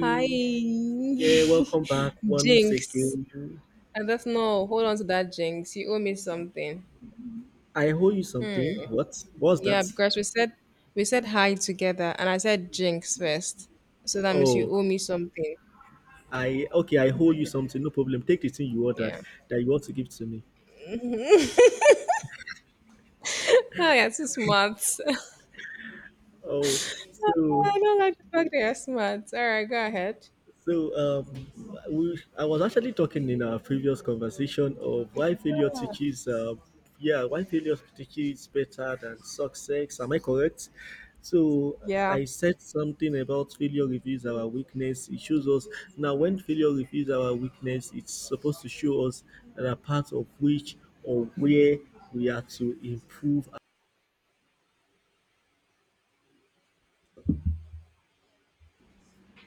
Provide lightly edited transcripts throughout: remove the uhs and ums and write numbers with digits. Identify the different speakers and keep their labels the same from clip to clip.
Speaker 1: Hi,
Speaker 2: Yeah, welcome back once
Speaker 1: Jinx.
Speaker 2: again.
Speaker 1: I don't know. Hold on to that, Jinx. You owe me something.
Speaker 2: I owe you something. What was
Speaker 1: Yeah,
Speaker 2: that?
Speaker 1: because we said hi together, and I said Jinx first, so that means you
Speaker 2: Oh,
Speaker 1: owe me something.
Speaker 2: I okay, I owe you something. No problem. Take the thing you ordered
Speaker 1: Yeah.
Speaker 2: that you want to give to me.
Speaker 1: Oh, yeah, too smart.
Speaker 2: Oh, so
Speaker 1: I don't like the fact that you're smart. All right, go ahead.
Speaker 2: So um, I was actually talking in our previous conversation of why failure teaches, yeah, why failure teaches better than success. Am I correct? So
Speaker 1: Yeah.
Speaker 2: I said something about failure reveals our weakness. It shows us now when failure reveals our weakness, it's supposed to show us that a part of which or where we are to improve.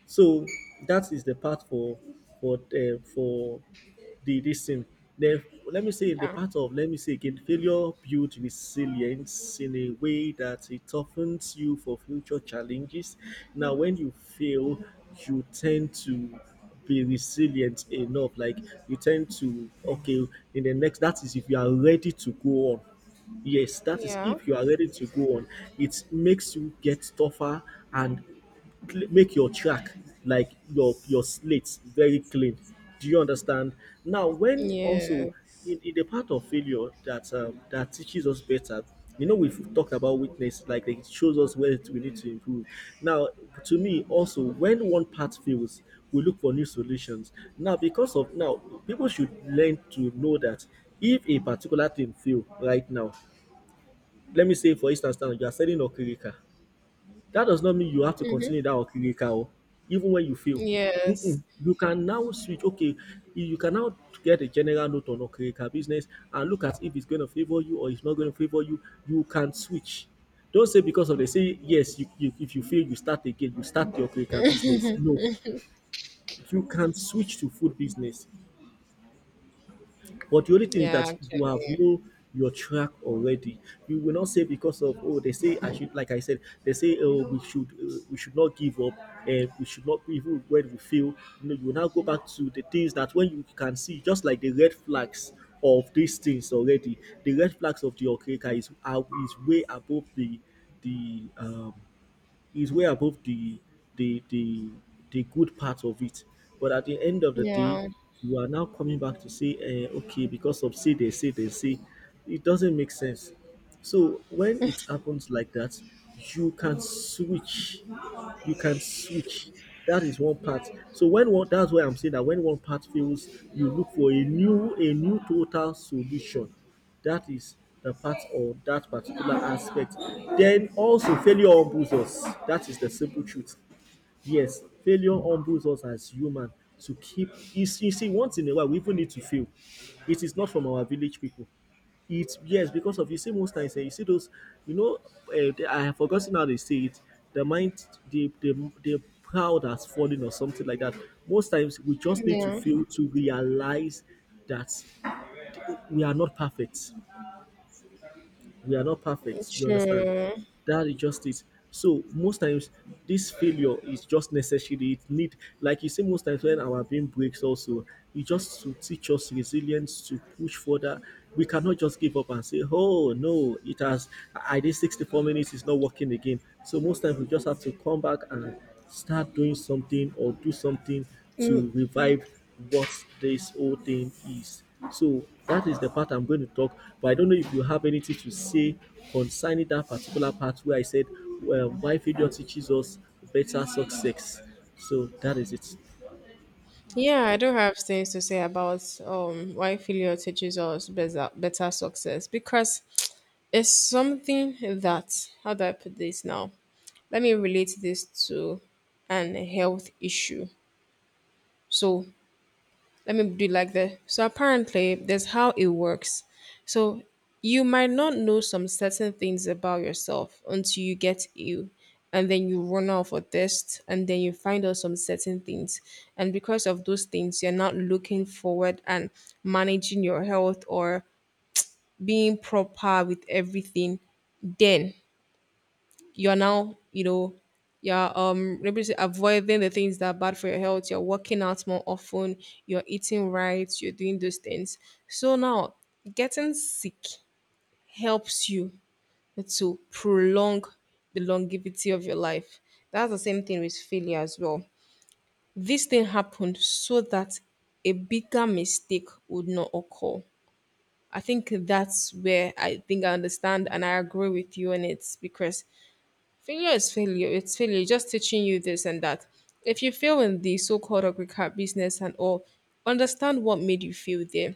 Speaker 2: So that is the part for for the this thing. Then let me say the
Speaker 1: Yeah.
Speaker 2: part of let me say again, failure builds resilience in a way that it toughens you for future challenges. Now, when you fail, you tend to be resilient enough. Like you tend to okay in the next. That is if you are ready to go on. Yes, that is
Speaker 1: Yeah.
Speaker 2: if you are ready to go on. It makes you get tougher and cl- make your track like your slate very clean, do you understand, now when
Speaker 1: Yeah.
Speaker 2: also in the part of failure that that teaches us better, you know we've talked about weakness like it shows us where we need to improve now. To me also when one part fails, we look for new solutions now because of now people should learn to know that if a particular thing fail right now, let me say for instance now you are selling okrika, that does not mean you have to continue that okirika, oh, even when you fail.
Speaker 1: Yes.
Speaker 2: Mm-mm. You can now switch. Okay, you can now get a general note on okirika business and look at if it's going to favor you or it's not going to favor you. You can switch. Don't say because of they say yes. You if you fail, you start again. You start the okirika business. No, you can switch to food business. But the only thing is
Speaker 1: Yeah.
Speaker 2: that you have
Speaker 1: Actually.
Speaker 2: know your track already. You will not say because of oh they say I should like I said they say oh we should not give up, and we should not even when we feel you know you will now go back to the things that when you can see just like the red flags of these things already, the red flags of the okeka is are is way above the the is way above the the the good part of it. But at the end of the day,
Speaker 1: Yeah.
Speaker 2: you are now coming back to say, eh, okay, because of say they say, it doesn't make sense. So when it happens like that, you can switch. You can switch. That is one part. So when one, that's why I'm saying that when one part fails, you look for a new total solution, that is the part or that particular aspect. Then also failure humbles us. That is the simple truth. Yes, failure humbles us as human to keep, you see once in a while we even need to fail. It is not from our village people. It's yes, because of you see most times eh, you see those you know I have forgotten how they say it. The mind the proud has fallen or something like that. Most times we just need to
Speaker 1: Yeah.
Speaker 2: fail to realize that we are not perfect, we are not perfect, you understand,
Speaker 1: True.
Speaker 2: that is just it. So most times this failure is just necessary, it need, like you say most times when our brain breaks also, e just to teach us resilience to push further. We cannot just give up and say oh no it has, I did 64 minutes, it's not working again. So most times we just have to come back and start doing something or do something
Speaker 1: Mm.
Speaker 2: to revive what this whole thing is. So that is the part I'm going to talk. But I don't know if you have anything to say concerning that particular part where I said, well, why failure teaches us better success. So that is it.
Speaker 1: Yeah, I do have things to say about why failure teaches us better success because it's something that, how do I put this now? Let me relate this to an health issue. So, let me do it like that. So apparently, that's how it works. So you might not know some certain things about yourself until you get ill, and then you run off a test, and then you find out some certain things, and because of those things, you're not looking forward and managing your health or being proper with everything. Then you're now you know you're avoiding the things that are bad for your health. You're working out more often, you're eating right, you're doing those things. So now getting sick helps you to prolong the longevity of your life. That's the same thing with failure as well. This thing happened so that a bigger mistake would not occur. I think that's where I think I understand and I agree with you on it because failure is failure. It's failure. It's just teaching you this and that. If you fail in the so-called agri business and all, understand what made you fail there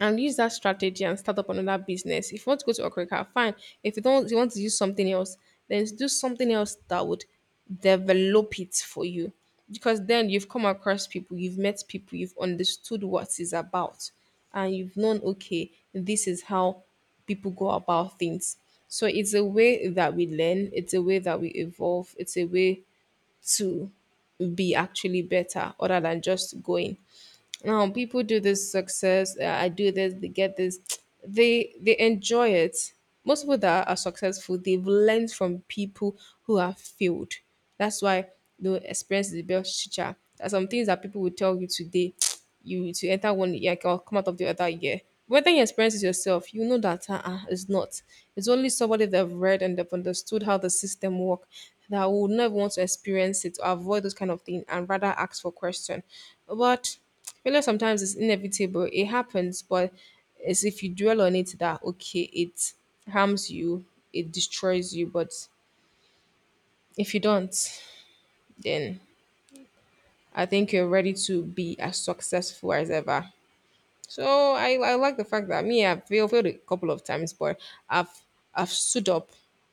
Speaker 1: and use that strategy and start up another business. If you want to go to Okrika, fine. If you don't, you want to use something else, then do something else that would develop it for you. Because then you've come across people, you've met people, you've understood what it's about, and you've known, okay, this is how people go about things. So it's a way that we learn, it's a way that we evolve, it's a way to be actually better other than just going. No, people do this success. I do this. They get this. They enjoy it. Most people that are successful, they've learned from people who have failed. That's why the experience is the best teacher. There are some things that people will tell you today. You to enter one year or come out of the other year. Whether you experience it yourself, you know that it's not. It's only somebody that have read and they've understood how the system work, that would never want to experience it or avoid those kind of thing and rather ask for question. But failure sometimes is inevitable. It happens, but it's if you dwell on it that okay, it harms you, it destroys you. But if you don't, then I think you're ready to be as successful as ever. So I like the fact that me, I've failed a couple of times, but I've I've stood up,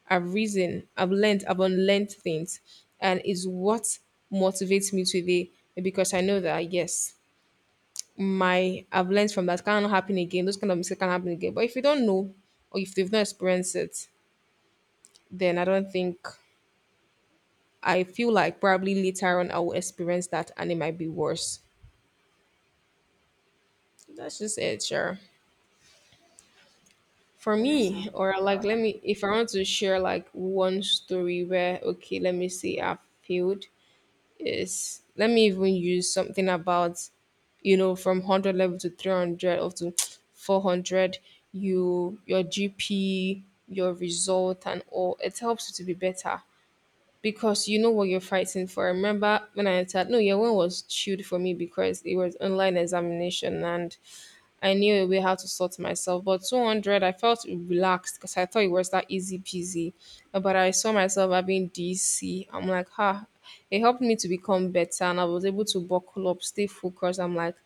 Speaker 1: I've risen, I've learned, I've unlearned things, and it's what motivates me today because I know that yes, my I've learned from that cannot happen again. Those kind of mistakes can happen again. But if you don't know or if they have not experienced it, then I don't think I feel like probably later on I will experience that and it might be worse. That's just it, sure. For me, or like let me if I want to share like one story where okay, let me see, I failed. Yes. Let me even use something about, you know, from 100 level to 300 or to 400. You, your GP, your result, and all. It helps you to be better because you know what you're fighting for. I remember when I entered? No, year one was chilled for me because it was online examination and I knew a way how to sort myself. But 200, I felt relaxed because I thought it was that easy peasy. But I saw myself having DC. I'm like, ha, it helped me to become better and I was able to buckle up, stay focused. I'm like,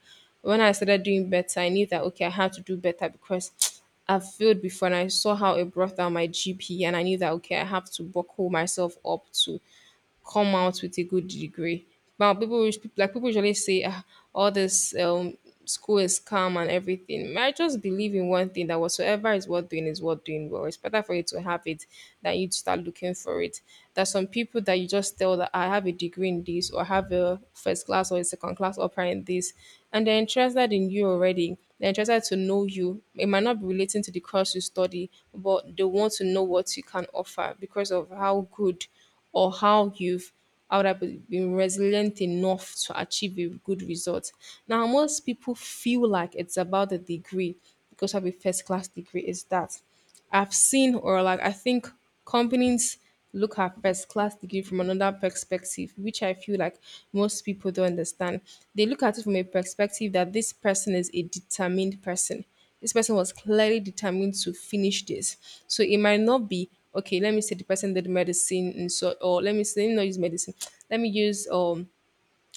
Speaker 1: when I started doing better, I knew that, okay, I had to do better because I've failed before and I saw how it brought down my GP and I knew that, okay, I have to buckle myself up to come out with a good degree. Now people like people usually say ah, all this school is calm and everything. May I just believe in one thing that whatsoever is worth doing well. It's better for you to have it than you to start looking for it. There's some people that you just tell that I have a degree in this or I have a first class or a second class upper in this, and they're interested in you already. They're interested to know you. It might not be relating to the course you study, but they want to know what you can offer because of how good or how you've how that been resilient enough to achieve a good result. Now, most people feel like it's about the degree because of a first class degree is that I've seen or like I think companies look at first class degree from another perspective, which I feel like most people don't understand. They look at it from a perspective that this person is a determined person. This person was clearly determined to finish this. So it might not be okay. Let me say the person did medicine, and so or let me say let me not use medicine. Let me use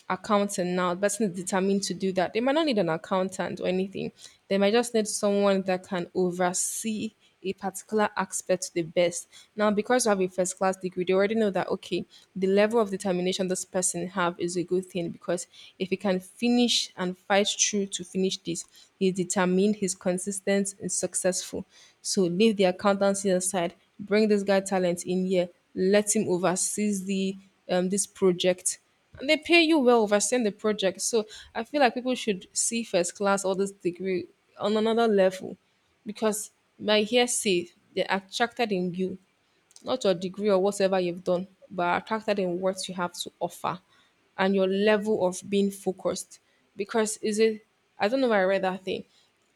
Speaker 1: accountant now, the person is determined to do that. They might not need an accountant or anything. They might just need someone that can oversee a particular aspect to the best. Now, because you have a first class degree, they already know that okay, the level of determination this person have is a good thing because if he can finish and fight through to finish this, he's determined, he's consistent, and successful. So leave the accountancy aside, bring this guy talent in here, let him oversee the this project and they pay you well overseeing the project. So I feel like people should see first class all this degree on another level because by hearsay, they're attracted in you not your degree or whatever you've done, but are attracted in what you have to offer and your level of being focused. Because is it I don't know if I read that thing.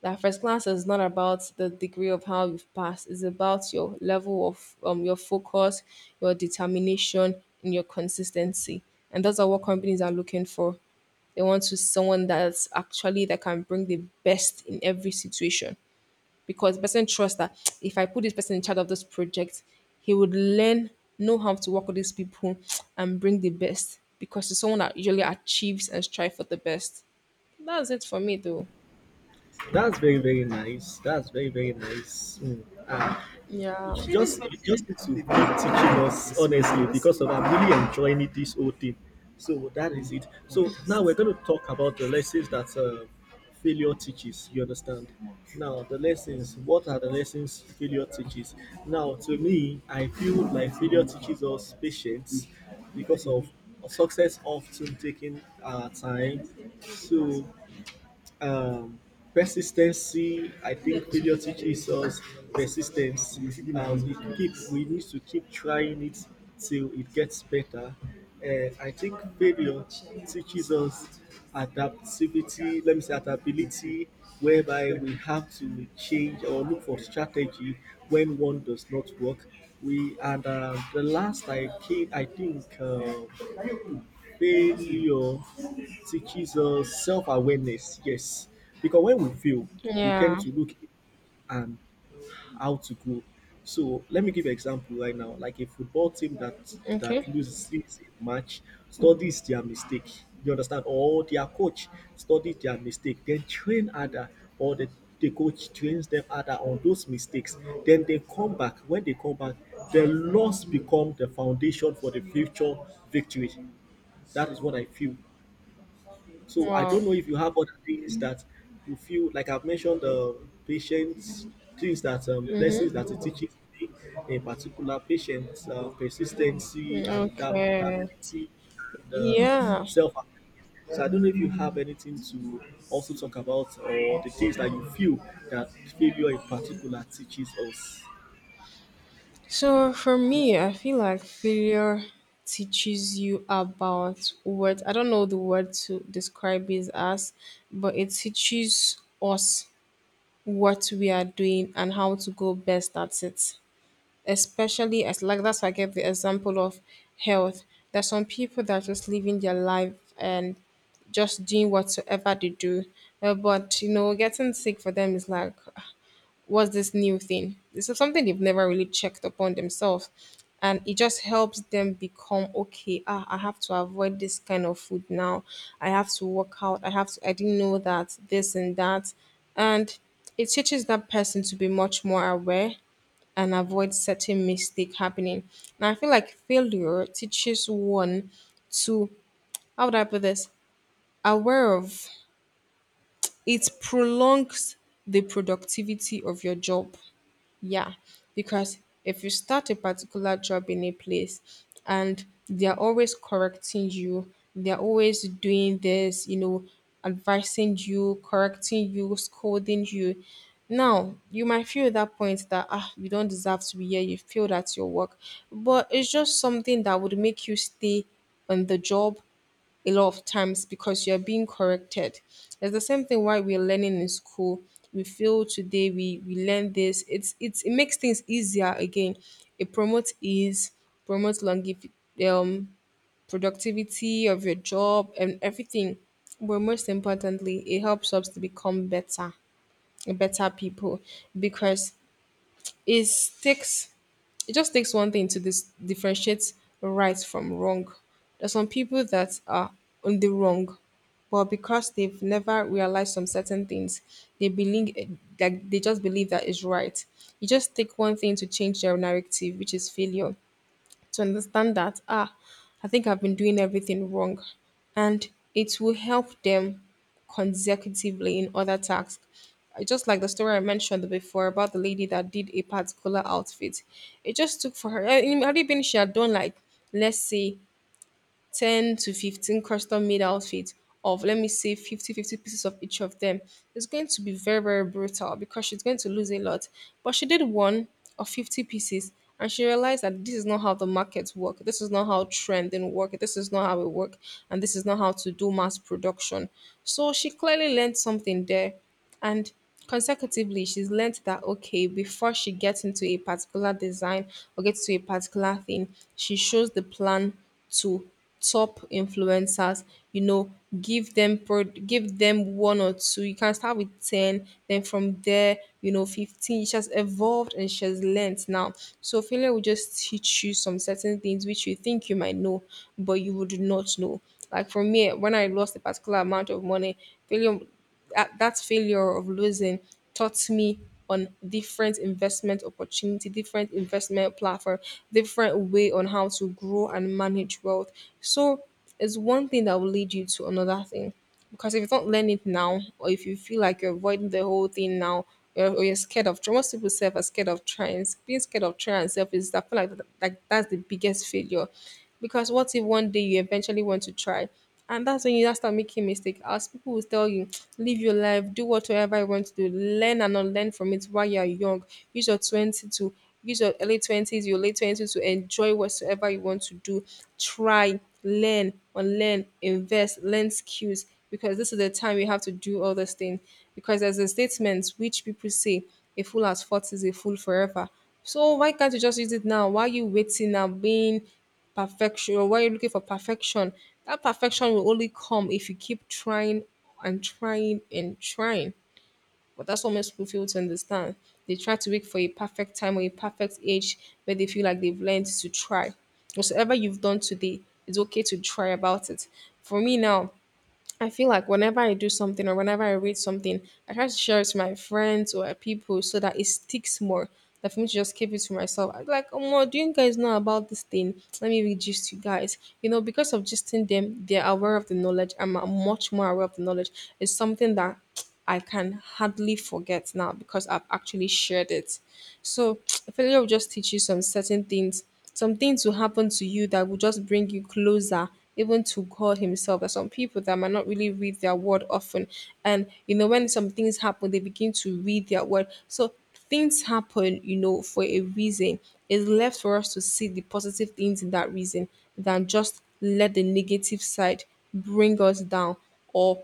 Speaker 1: That first class is not about the degree of how you've passed, it's about your level of your focus, your determination, and your consistency. And that's what companies are looking for. They want to someone that's actually that can bring the best in every situation because the person trusts that if I put this person in charge of this project, he would learn, know how to work with these people and bring the best because it's someone that usually achieves and strive for the best. That's it for me though.
Speaker 2: That's very, very nice. That's very, very nice. Mm. Ah,
Speaker 1: Yeah.
Speaker 2: it's just it's just need to keep teaching us honestly because of I'm really enjoying it, this whole thing. So that is it. So now we're going to talk about the lessons that failure teaches. You understand? Now the lessons. What are the lessons failure teaches? Now to me, I feel like failure teaches us patience because of success often taking our time. So um, persistency. I think failure teaches us persistence. We need to keep trying it till it gets better. And I think failure teaches us adaptivity. Let me say adaptability, whereby we have to change or look for strategy when one does not work. We and the last I came, I think. Failure teaches us self awareness, yes. Because when we fail, we tend
Speaker 1: Yeah.
Speaker 2: to look and how to go. So let me give an example right now. Like a football team that
Speaker 1: Okay.
Speaker 2: loses a match studies their mistake. You understand? Or their coach studies their mistake, then train other or the coach trains them other on those mistakes. Then they come back. When they come back, the loss become the foundation for the future victory. That is what I feel. So I
Speaker 1: Wow.
Speaker 2: don't know if you have other things that you feel like I've mentioned the patients, things that lessons that it teaches me, in particular patience, persistency,
Speaker 1: Okay.
Speaker 2: adaptability, and
Speaker 1: Yeah.
Speaker 2: self. So I don't know if you have anything to also talk about or the things that you feel that failure in particular teaches us.
Speaker 1: So for me, I feel like failure teaches you about what I don't know the word to describe it as, but it teaches us what we are doing and how to go best at it. Especially as like that's why I gave the example of health. There's some people that are just living their life and just doing whatsoever they do. But you know, getting sick for them is like what's this new thing? This is something they've never really checked upon themselves. And it just helps them become okay. Ah, I have to avoid this kind of food now. I have to work out. I have to, I didn't know that, this and that. And it teaches that person to be much more aware and avoid certain mistake happening. And I feel like failure teaches one to how would I put this? Aware of it prolongs the productivity of your job. Yeah, because if you start a particular job in a place and they're always correcting you, they're always doing this, you know, advising you, correcting you, scolding you. Now, you might feel at that point that, ah, you don't deserve to be here, you failed at your work. But it's just something that would make you stay on the job a lot of times because you're being corrected. It's the same thing why we're learning in school. We feel today we learn this. It's it makes things easier again. It promotes ease, promotes longevity, um, productivity of your job and everything. But most importantly, it helps us to become better, better people because it sticks it just takes one thing to differentiate right from wrong. There's some people that are on the wrong, but because they've never realized some certain things, they believe that they just believe that is right. You just take one thing to change their narrative, which is failure to understand that, I think I've been doing everything wrong. And it will help them consecutively in other tasks. Just like the story I mentioned before about the lady that did a particular outfit, it just took for her. I had it been she had done like, let's say, 10 to 15 custom made outfits of let me say fifty pieces of each of them. It's going to be very brutal because she's going to lose a lot, but she did one of 50 pieces and she realized that this is not how the markets work, this is not how trending work, this is not how it work, and this is not how to do mass production. So she clearly learned something there, and consecutively she's learnt that okay, before she gets into a particular design or gets to a particular thing, she shows the plan to top influencers, you know, give them one or two. You can start with 10, then from there, you know, 15. She has evolved and she has learnt now. So failure will just teach you some certain things which you think you might know, but you would not know. Like for me, when I lost a particular amount of money, failure, that failure of losing taught me on different investment opportunity, different investment platform, different way on how to grow and manage wealth. So it's one thing that will lead you to another thing, because if you don't learn it now, or if you feel like you're avoiding the whole thing now, or you're scared of trying. Most people self are scared of trying, being scared of trying and self is, I feel like that's the biggest failure, because what if one day you eventually want to try, and that's when you now start making mistake. As people will tell you, live your life, do whatever you want to do, learn and unlearn from it while you are young. Use your 20 to use your early 20s, your late 20s to enjoy whatsoever you want to do. Try, learn, unlearn, invest, learn skills, because this is the time you have to do all those things. Because there's a statement which people say, a fool at 40 is a fool forever. So why can't you just use it now? Why are you waiting now, being perfection, why are you looking for perfection? That perfection will only come if you keep trying and trying and trying. But that's what most people feel to understand. They try to wait for a perfect time or a perfect age where they feel like they've learned to try. Whatsoever you've done today, it's okay to try about it. For me now, I feel like whenever I do something or whenever I read something, I try to share it to my friends or people so that it sticks more. That for me to just keep it to myself, I'm like, oh, my, do you guys know about this thing? Let me read gist you guys. You know, because of gisting them, they're aware of the knowledge. I'm much more aware of the knowledge. It's something that I can hardly forget now because I've actually shared it. So failure will just teach you some certain things. Some things will happen to you that will just bring you closer, even to God Himself. There's some people that might not really read their word often. And you know, when some things happen, they begin to read their word. So things happen, you know, for a reason. It's left for us to see the positive things in that reason than just let the negative side bring us down, or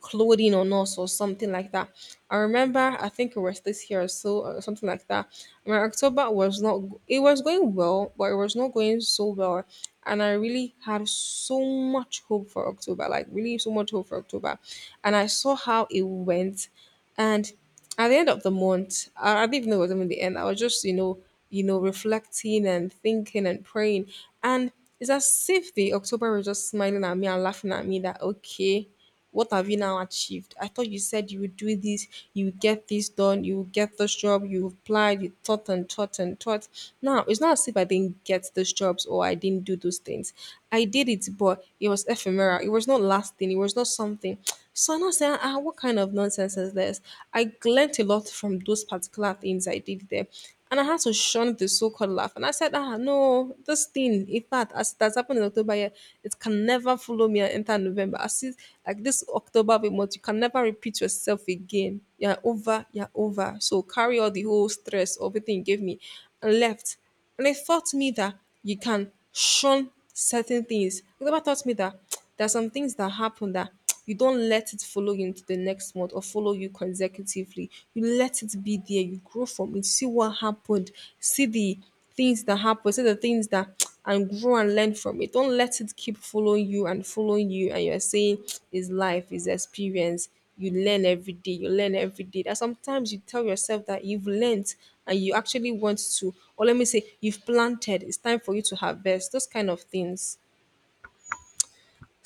Speaker 1: clothing on us or something like that. I remember, I think it was this year or so, or something like that. My October was not, it was going well, but it was not going so well. And I really had so much hope for October, like really so much hope for October. And I saw how it went. And at the end of the month, I didn't even know it was even the end. I was just, you know, reflecting and thinking and praying. And it's as if the October was just smiling at me and laughing at me, that okay, what have you now achieved? I thought you said you would do this, you would get this done, you would get this job, you applied, you thought and thought and thought. Now it's not as if I didn't get those jobs or I didn't do those things. I did it, but it was ephemeral. It was not lasting. It was not something. So I'm not saying, ah, what kind of nonsense is this? I learnt a lot from those particular things I did there. And I had to shun the so-called laugh. And I said, ah, no, this thing, in fact, as that's happened in October here, it can never follow me and enter November. I see, like this October be month, you can never repeat yourself again. You're over, you're over. So carry all the whole stress, everything you gave me, and left. And it taught me that you can shun certain things. It never taught me that there are some things that happen that you don't let it follow you into the next month or follow you consecutively. You let it be there. You grow from it. See what happened. See the things that happen. See the things that and grow and learn from it. Don't let it keep following you. And you're saying is life, is experience. You learn every day, you learn every day, that sometimes you tell yourself that you've learned and you actually want to, or let me say, you've planted, it's time for you to harvest those kind of things.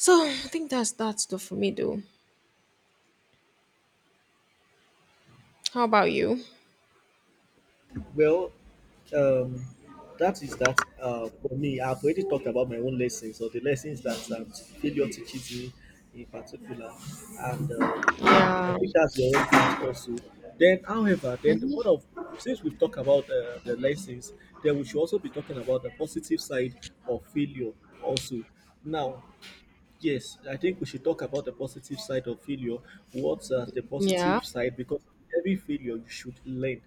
Speaker 1: So I think that's that stuff for me, though. How about you?
Speaker 2: Well, um, that is that for me. I've already talked about my own lessons or the lessons that failure teaches me in particular, and I
Speaker 1: Yeah.
Speaker 2: think that's your own part also. Then, however, then what of since we've talked about the lessons, then we should also be talking about the positive side of failure also. Now, yes, I think we should talk about the positive side of failure. What's the
Speaker 1: Yeah.
Speaker 2: positive side? Because every failure you should learn.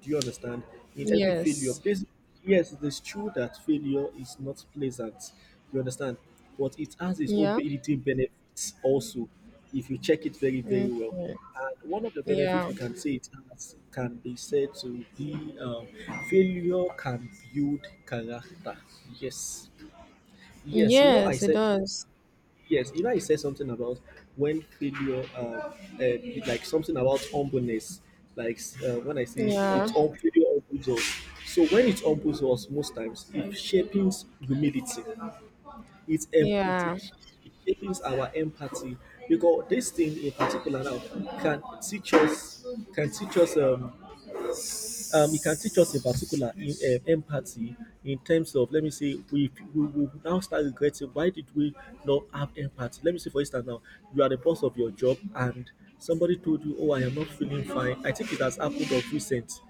Speaker 2: Do you understand? In every failure,
Speaker 1: Yes.
Speaker 2: please, yes, it is true that failure is not pleasant. You understand? But it has its own
Speaker 1: Yeah.
Speaker 2: built-in benefits also, if you check it very, very
Speaker 1: Okay.
Speaker 2: well. And one of the benefits
Speaker 1: Yeah.
Speaker 2: we can say it has can be said to be failure can build character. Yes, yes, you know, I
Speaker 1: Yes, it
Speaker 2: said.
Speaker 1: does.
Speaker 2: Yes, you know, I said something about when failure, uh, like something about humbleness, like when I say
Speaker 1: Yeah.
Speaker 2: it's hum- failure humbles us. So when it humbles us, most times it shapes humility. It em- it,
Speaker 1: Yeah.
Speaker 2: it, it shapes our empathy because this thing in particular now can teach us, can teach us um, it can teach us in particular in empathy in terms of let me say we will now start regretting why did we not have empathy, let me say for instance now you are the boss of your job and somebody told you oh I am not feeling fine, I think it has happened of recent.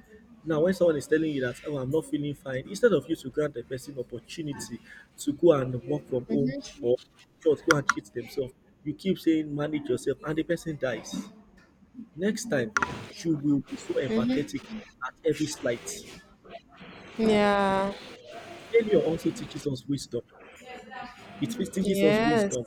Speaker 2: Now when someone is telling you that oh I'm not feeling fine, instead of you to grant the person opportunity to go and work from home or just go and cheat themselves, you keep saying manage yourself and the person dies. Next time, you will be so empathetic at every slight.
Speaker 1: Yeah.
Speaker 2: Failure also teaches us wisdom. It teaches us
Speaker 1: Yes.
Speaker 2: wisdom.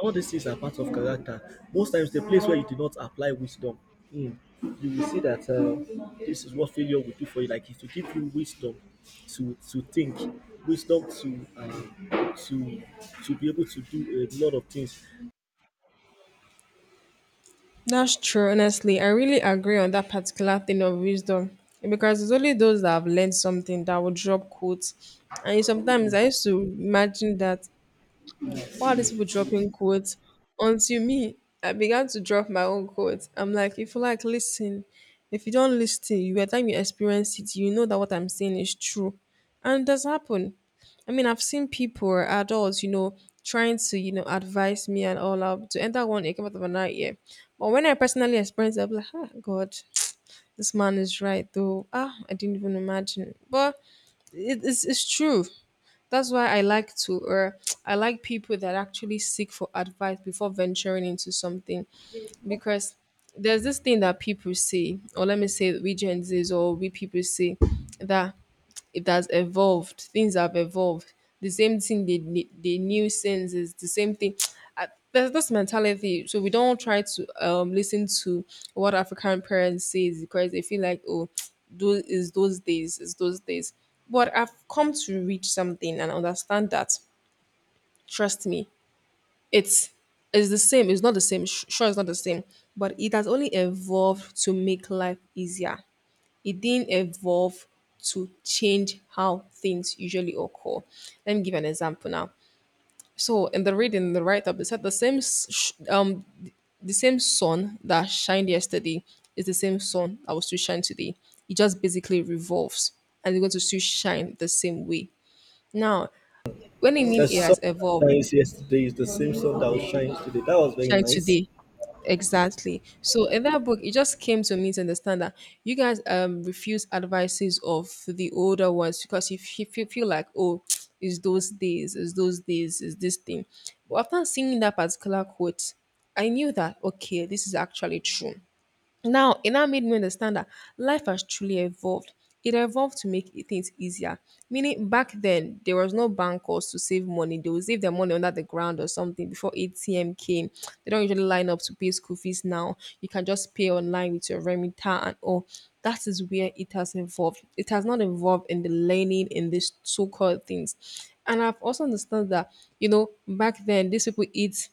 Speaker 2: All these things are part of character. Most times, the place where you do not apply wisdom, mm, you will see that this is what failure will do for you. Like, it will give you wisdom to think, wisdom to to be able to do a lot of things.
Speaker 1: That's true, honestly. I really agree on that particular thing of wisdom, because it's only those that have learned something that will drop quotes. And sometimes I used to imagine that why are these people dropping quotes? Until me, I began to drop my own quotes. I'm like, if you like, listen. If you don't listen, you by the time you experience it, you know that what I'm saying is true. And it does happen. I mean, I've seen people, adults, you know, trying to, you know, advise me and all out to enter one came out of another year. But when I personally experience it, I'm like, ah, God, this man is right, though. Ah, I didn't even imagine. But it's true. That's why I like to, or I like people that actually seek for advice before venturing into something, because there's this thing that people say, or let me say we Gen Zs or we people say that it has evolved. Things have evolved. The same thing they knew since is the same thing. There's this mentality, so we don't try to listen to what African parents say, because they feel like, oh, those is those days, is those days. But I've come to reach something and understand that. Trust me, it's it's the same. It's not the same. Sure, it's not the same, but it has only evolved to make life easier. It didn't evolve to change how things usually occur. Let me give an example now. So in the reading, the write-up, they said the same sun that shined yesterday is the same sun that will still shine today. It just basically revolves, and it's going to still shine the same way. Now, when I mean
Speaker 2: The
Speaker 1: it
Speaker 2: sun
Speaker 1: has
Speaker 2: that
Speaker 1: evolved,
Speaker 2: shines yesterday is the same sun that shines today. That was very
Speaker 1: shine
Speaker 2: nice.
Speaker 1: today. Exactly. So in that book, it just came to me to understand that you guys refuse advices of the older ones because you feel like, oh, it's those days, it's those days, it's this thing. But after seeing that particular quote, I knew that okay, this is actually true. Now, it now made me understand that life has truly evolved. It evolved to things easier. Meaning, back then, there was no bank calls to save money. They would save their money under the ground or something before ATM came. They don't usually line up to pay school fees now. You can just pay online with your Remita and all. That is where it has evolved. It has not evolved in the learning in these so called things. And I've also understood that, back then, these people eat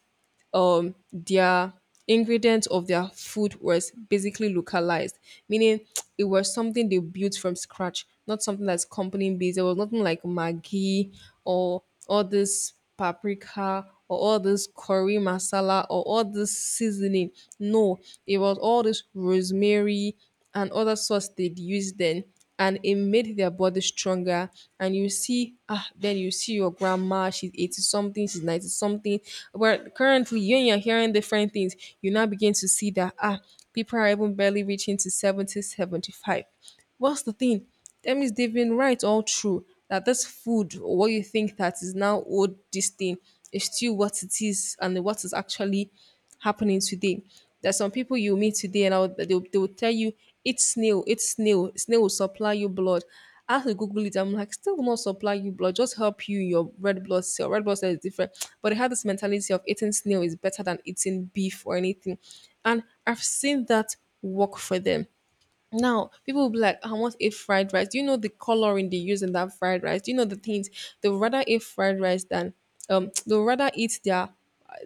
Speaker 1: their ingredients of their food was basically localized, meaning it was something they built from scratch, not something that's company based. There was nothing like Maggi or all this paprika or all this curry masala or all this seasoning. No, it was all this rosemary and other sauce they'd used then, and it made their body stronger. And you see, ah, then you see your grandma, she's 80 something, she's 90 something, but currently you, and you're hearing different things, you now begin to see that ah, people are even barely reaching to 70, 75. What's the thing? That means they've been right all through, that this food, or what you think that is now old, this thing is still what it is, and what is actually happening today. There's some people you meet today, and I would- they will tell you, eat snail, snail will supply you blood. I have to Google it. I'm like, still will not supply you blood, just help you in your red blood cell. Red blood cell is different. But they have this mentality of eating snail is better than eating beef or anything. And I've seen that work for them. Now, people will be like, I want a fried rice. Do you know the coloring they use in that fried rice? Do you know the things? They would rather eat fried rice than, they would rather eat their,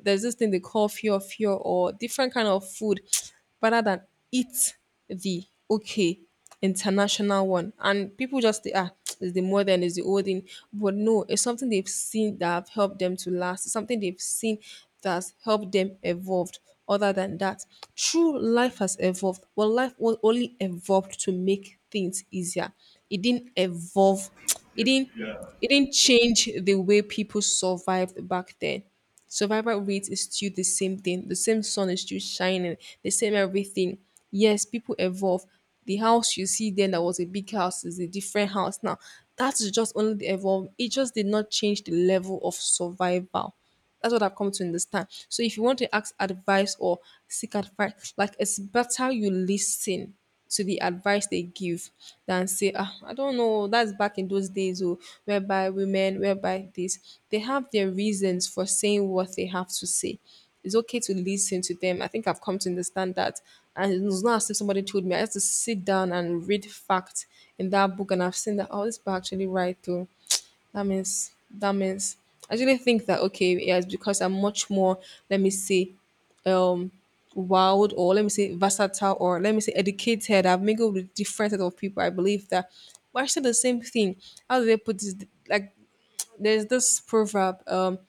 Speaker 1: there's this thing they call fear fear or different kind of food, rather than eat the, okay, international one. And people just think, ah, it's the modern, it's the old thing. But no, it's something they've seen that have helped them to last. It's something they've seen that's helped them evolved. Other than that, true life has evolved. Well, life was only evolved to make things easier. It didn't evolve. It didn't. It didn't change the way people survived back then. Survival rate is still the same thing. The same sun is still shining, the same everything. Yes, people evolve. The house you see then that was a big house is a different house now. That is just only the evolve. It just did not change the level of survival. That's what I've come to understand. So if you want to ask advice or seek advice, like, it's better you listen to the advice they give than say, ah, I don't know, that's back in those days, oh, whereby women, whereby this. They have their reasons for saying what they have to say. It's okay to listen to them. I think I've come to understand that. And it's not as if somebody told me. I had to sit down and read facts in that book, and I've seen that, oh, this book actually right, though. That means I actually think that, okay, yes, because I'm much more, let me see, um wild, or let me say versatile, or let me say educated. I've mingled with different set of people. I believe that we're actually the same thing. How do they put this? Like, there's this proverb.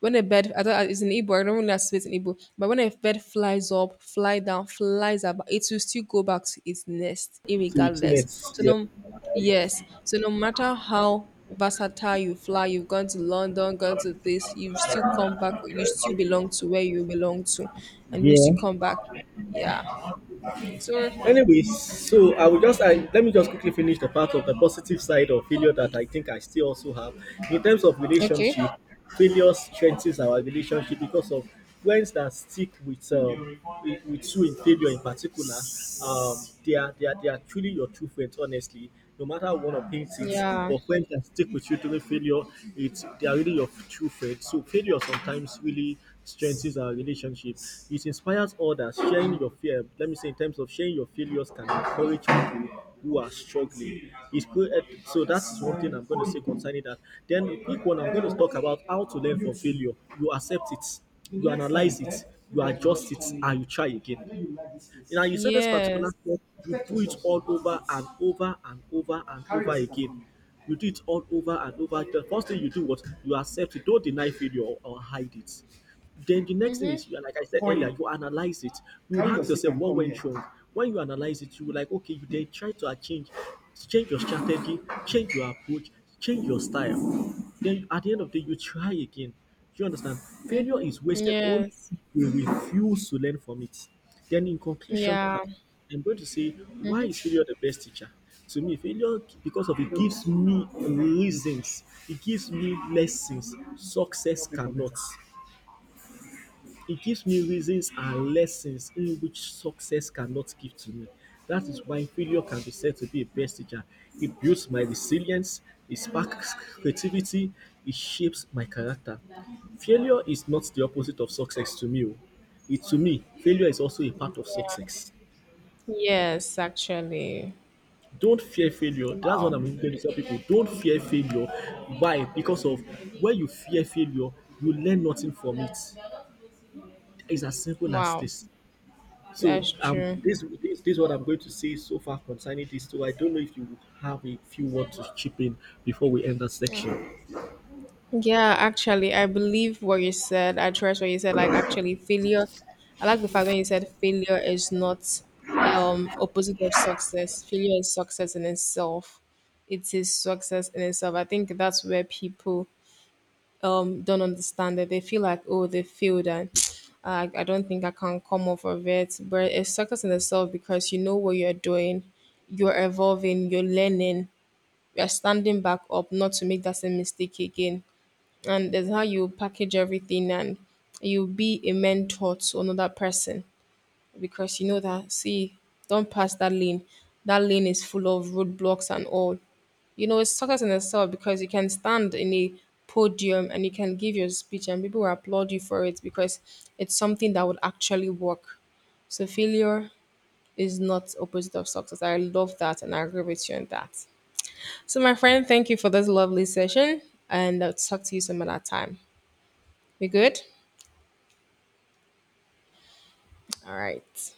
Speaker 1: When a bird, I thought it's in Igbo, I don't really associate in Igbo, but when a bird flies up, fly down, flies about, it will still go back to its nest,
Speaker 2: So it's
Speaker 1: irregardless.
Speaker 2: next.
Speaker 1: So
Speaker 2: Yeah.
Speaker 1: no, yes. So no matter how versatile you fly, you've gone to London, gone to this, you still come back. You still belong to where you belong to, and you still
Speaker 2: Yeah.
Speaker 1: come back. Yeah. So
Speaker 2: Anyway, so I will just I, let me just quickly finish the part of the positive side of failure that I think I still also have in terms of
Speaker 1: okay.
Speaker 2: relationship. Failure strengthens our relationship because of friends that stick with with you in failure in particular. Um, they are they are truly your true friends, honestly no matter what of things it,
Speaker 1: Yeah.
Speaker 2: but friends can stick with you during failure, it's they are really your true friends, so failure sometimes really strengthens our relationship. It inspires others, sharing your fear, let me say in terms of sharing your failures can encourage people who are struggling, it's good eh, so that's one thing I'm going to say concerning that. Then the quick one I'm going to talk about how to learn from failure. You accept it, you analyze it, you adjust it, and you try again. Now you said this particular
Speaker 1: Yes.
Speaker 2: step, you do it all over and over and over and over again. You do it all over and over again. First thing you do what you accept it, don't deny failure or hide it. Then the next thing is you are like I said earlier, you analyze it. You ask yourself what went wrong. When you analyze it, you will like okay, you then try to change your strategy, change your approach, change your style. Then at the end of the day, you try again. Do you understand? Failure is wasted only
Speaker 1: Yes.
Speaker 2: if we refuse to learn from it. Then in conclusion
Speaker 1: Yeah.
Speaker 2: part, I'm going to say why is failure the best teacher? To me, failure because of it gives me reasons, it gives me lessons success cannot. It gives me reasons and lessons in which success cannot give to me. That is why failure can be said to be a best teacher. It builds my resilience, it sparks creativity, it shapes my character. Failure is not the opposite of success to me. Oh. It, to me, failure is also a part of success.
Speaker 1: Yes, actually.
Speaker 2: Don't fear failure, that's what
Speaker 1: Wow.
Speaker 2: I'm going to tell people. Don't fear failure. Why? Because of when you fear failure, you learn nothing from it. It's as simple as
Speaker 1: Wow.
Speaker 2: this. So
Speaker 1: That's true.
Speaker 2: this is what I'm going to say so far concerning this, so I don't know if you have a few words to chip in before we end that section.
Speaker 1: Yeah, actually, I believe what you said. I trust what you said. Like, actually, failure. I like the fact when you said failure is not opposite of success. Failure is success in itself. It is success in itself. I think that's where people don't understand it. They feel like, oh, they failed and I don't think I can come off of it. But it's success in itself because you know what you're doing, you're evolving, you're learning, you're standing back up not to make that same mistake again, and there's how you package everything, and you be a mentor to another person, because you know that, see, don't pass that lane, that lane is full of roadblocks and all. You know, it's success in itself because you can stand in a podium and you can give your speech and people will applaud you for it, because it's something that would actually work. So failure is not opposite of success. I love that, and I agree with you on that. So my friend, thank you for this lovely session, and I'll talk to you some other time. We good. All right.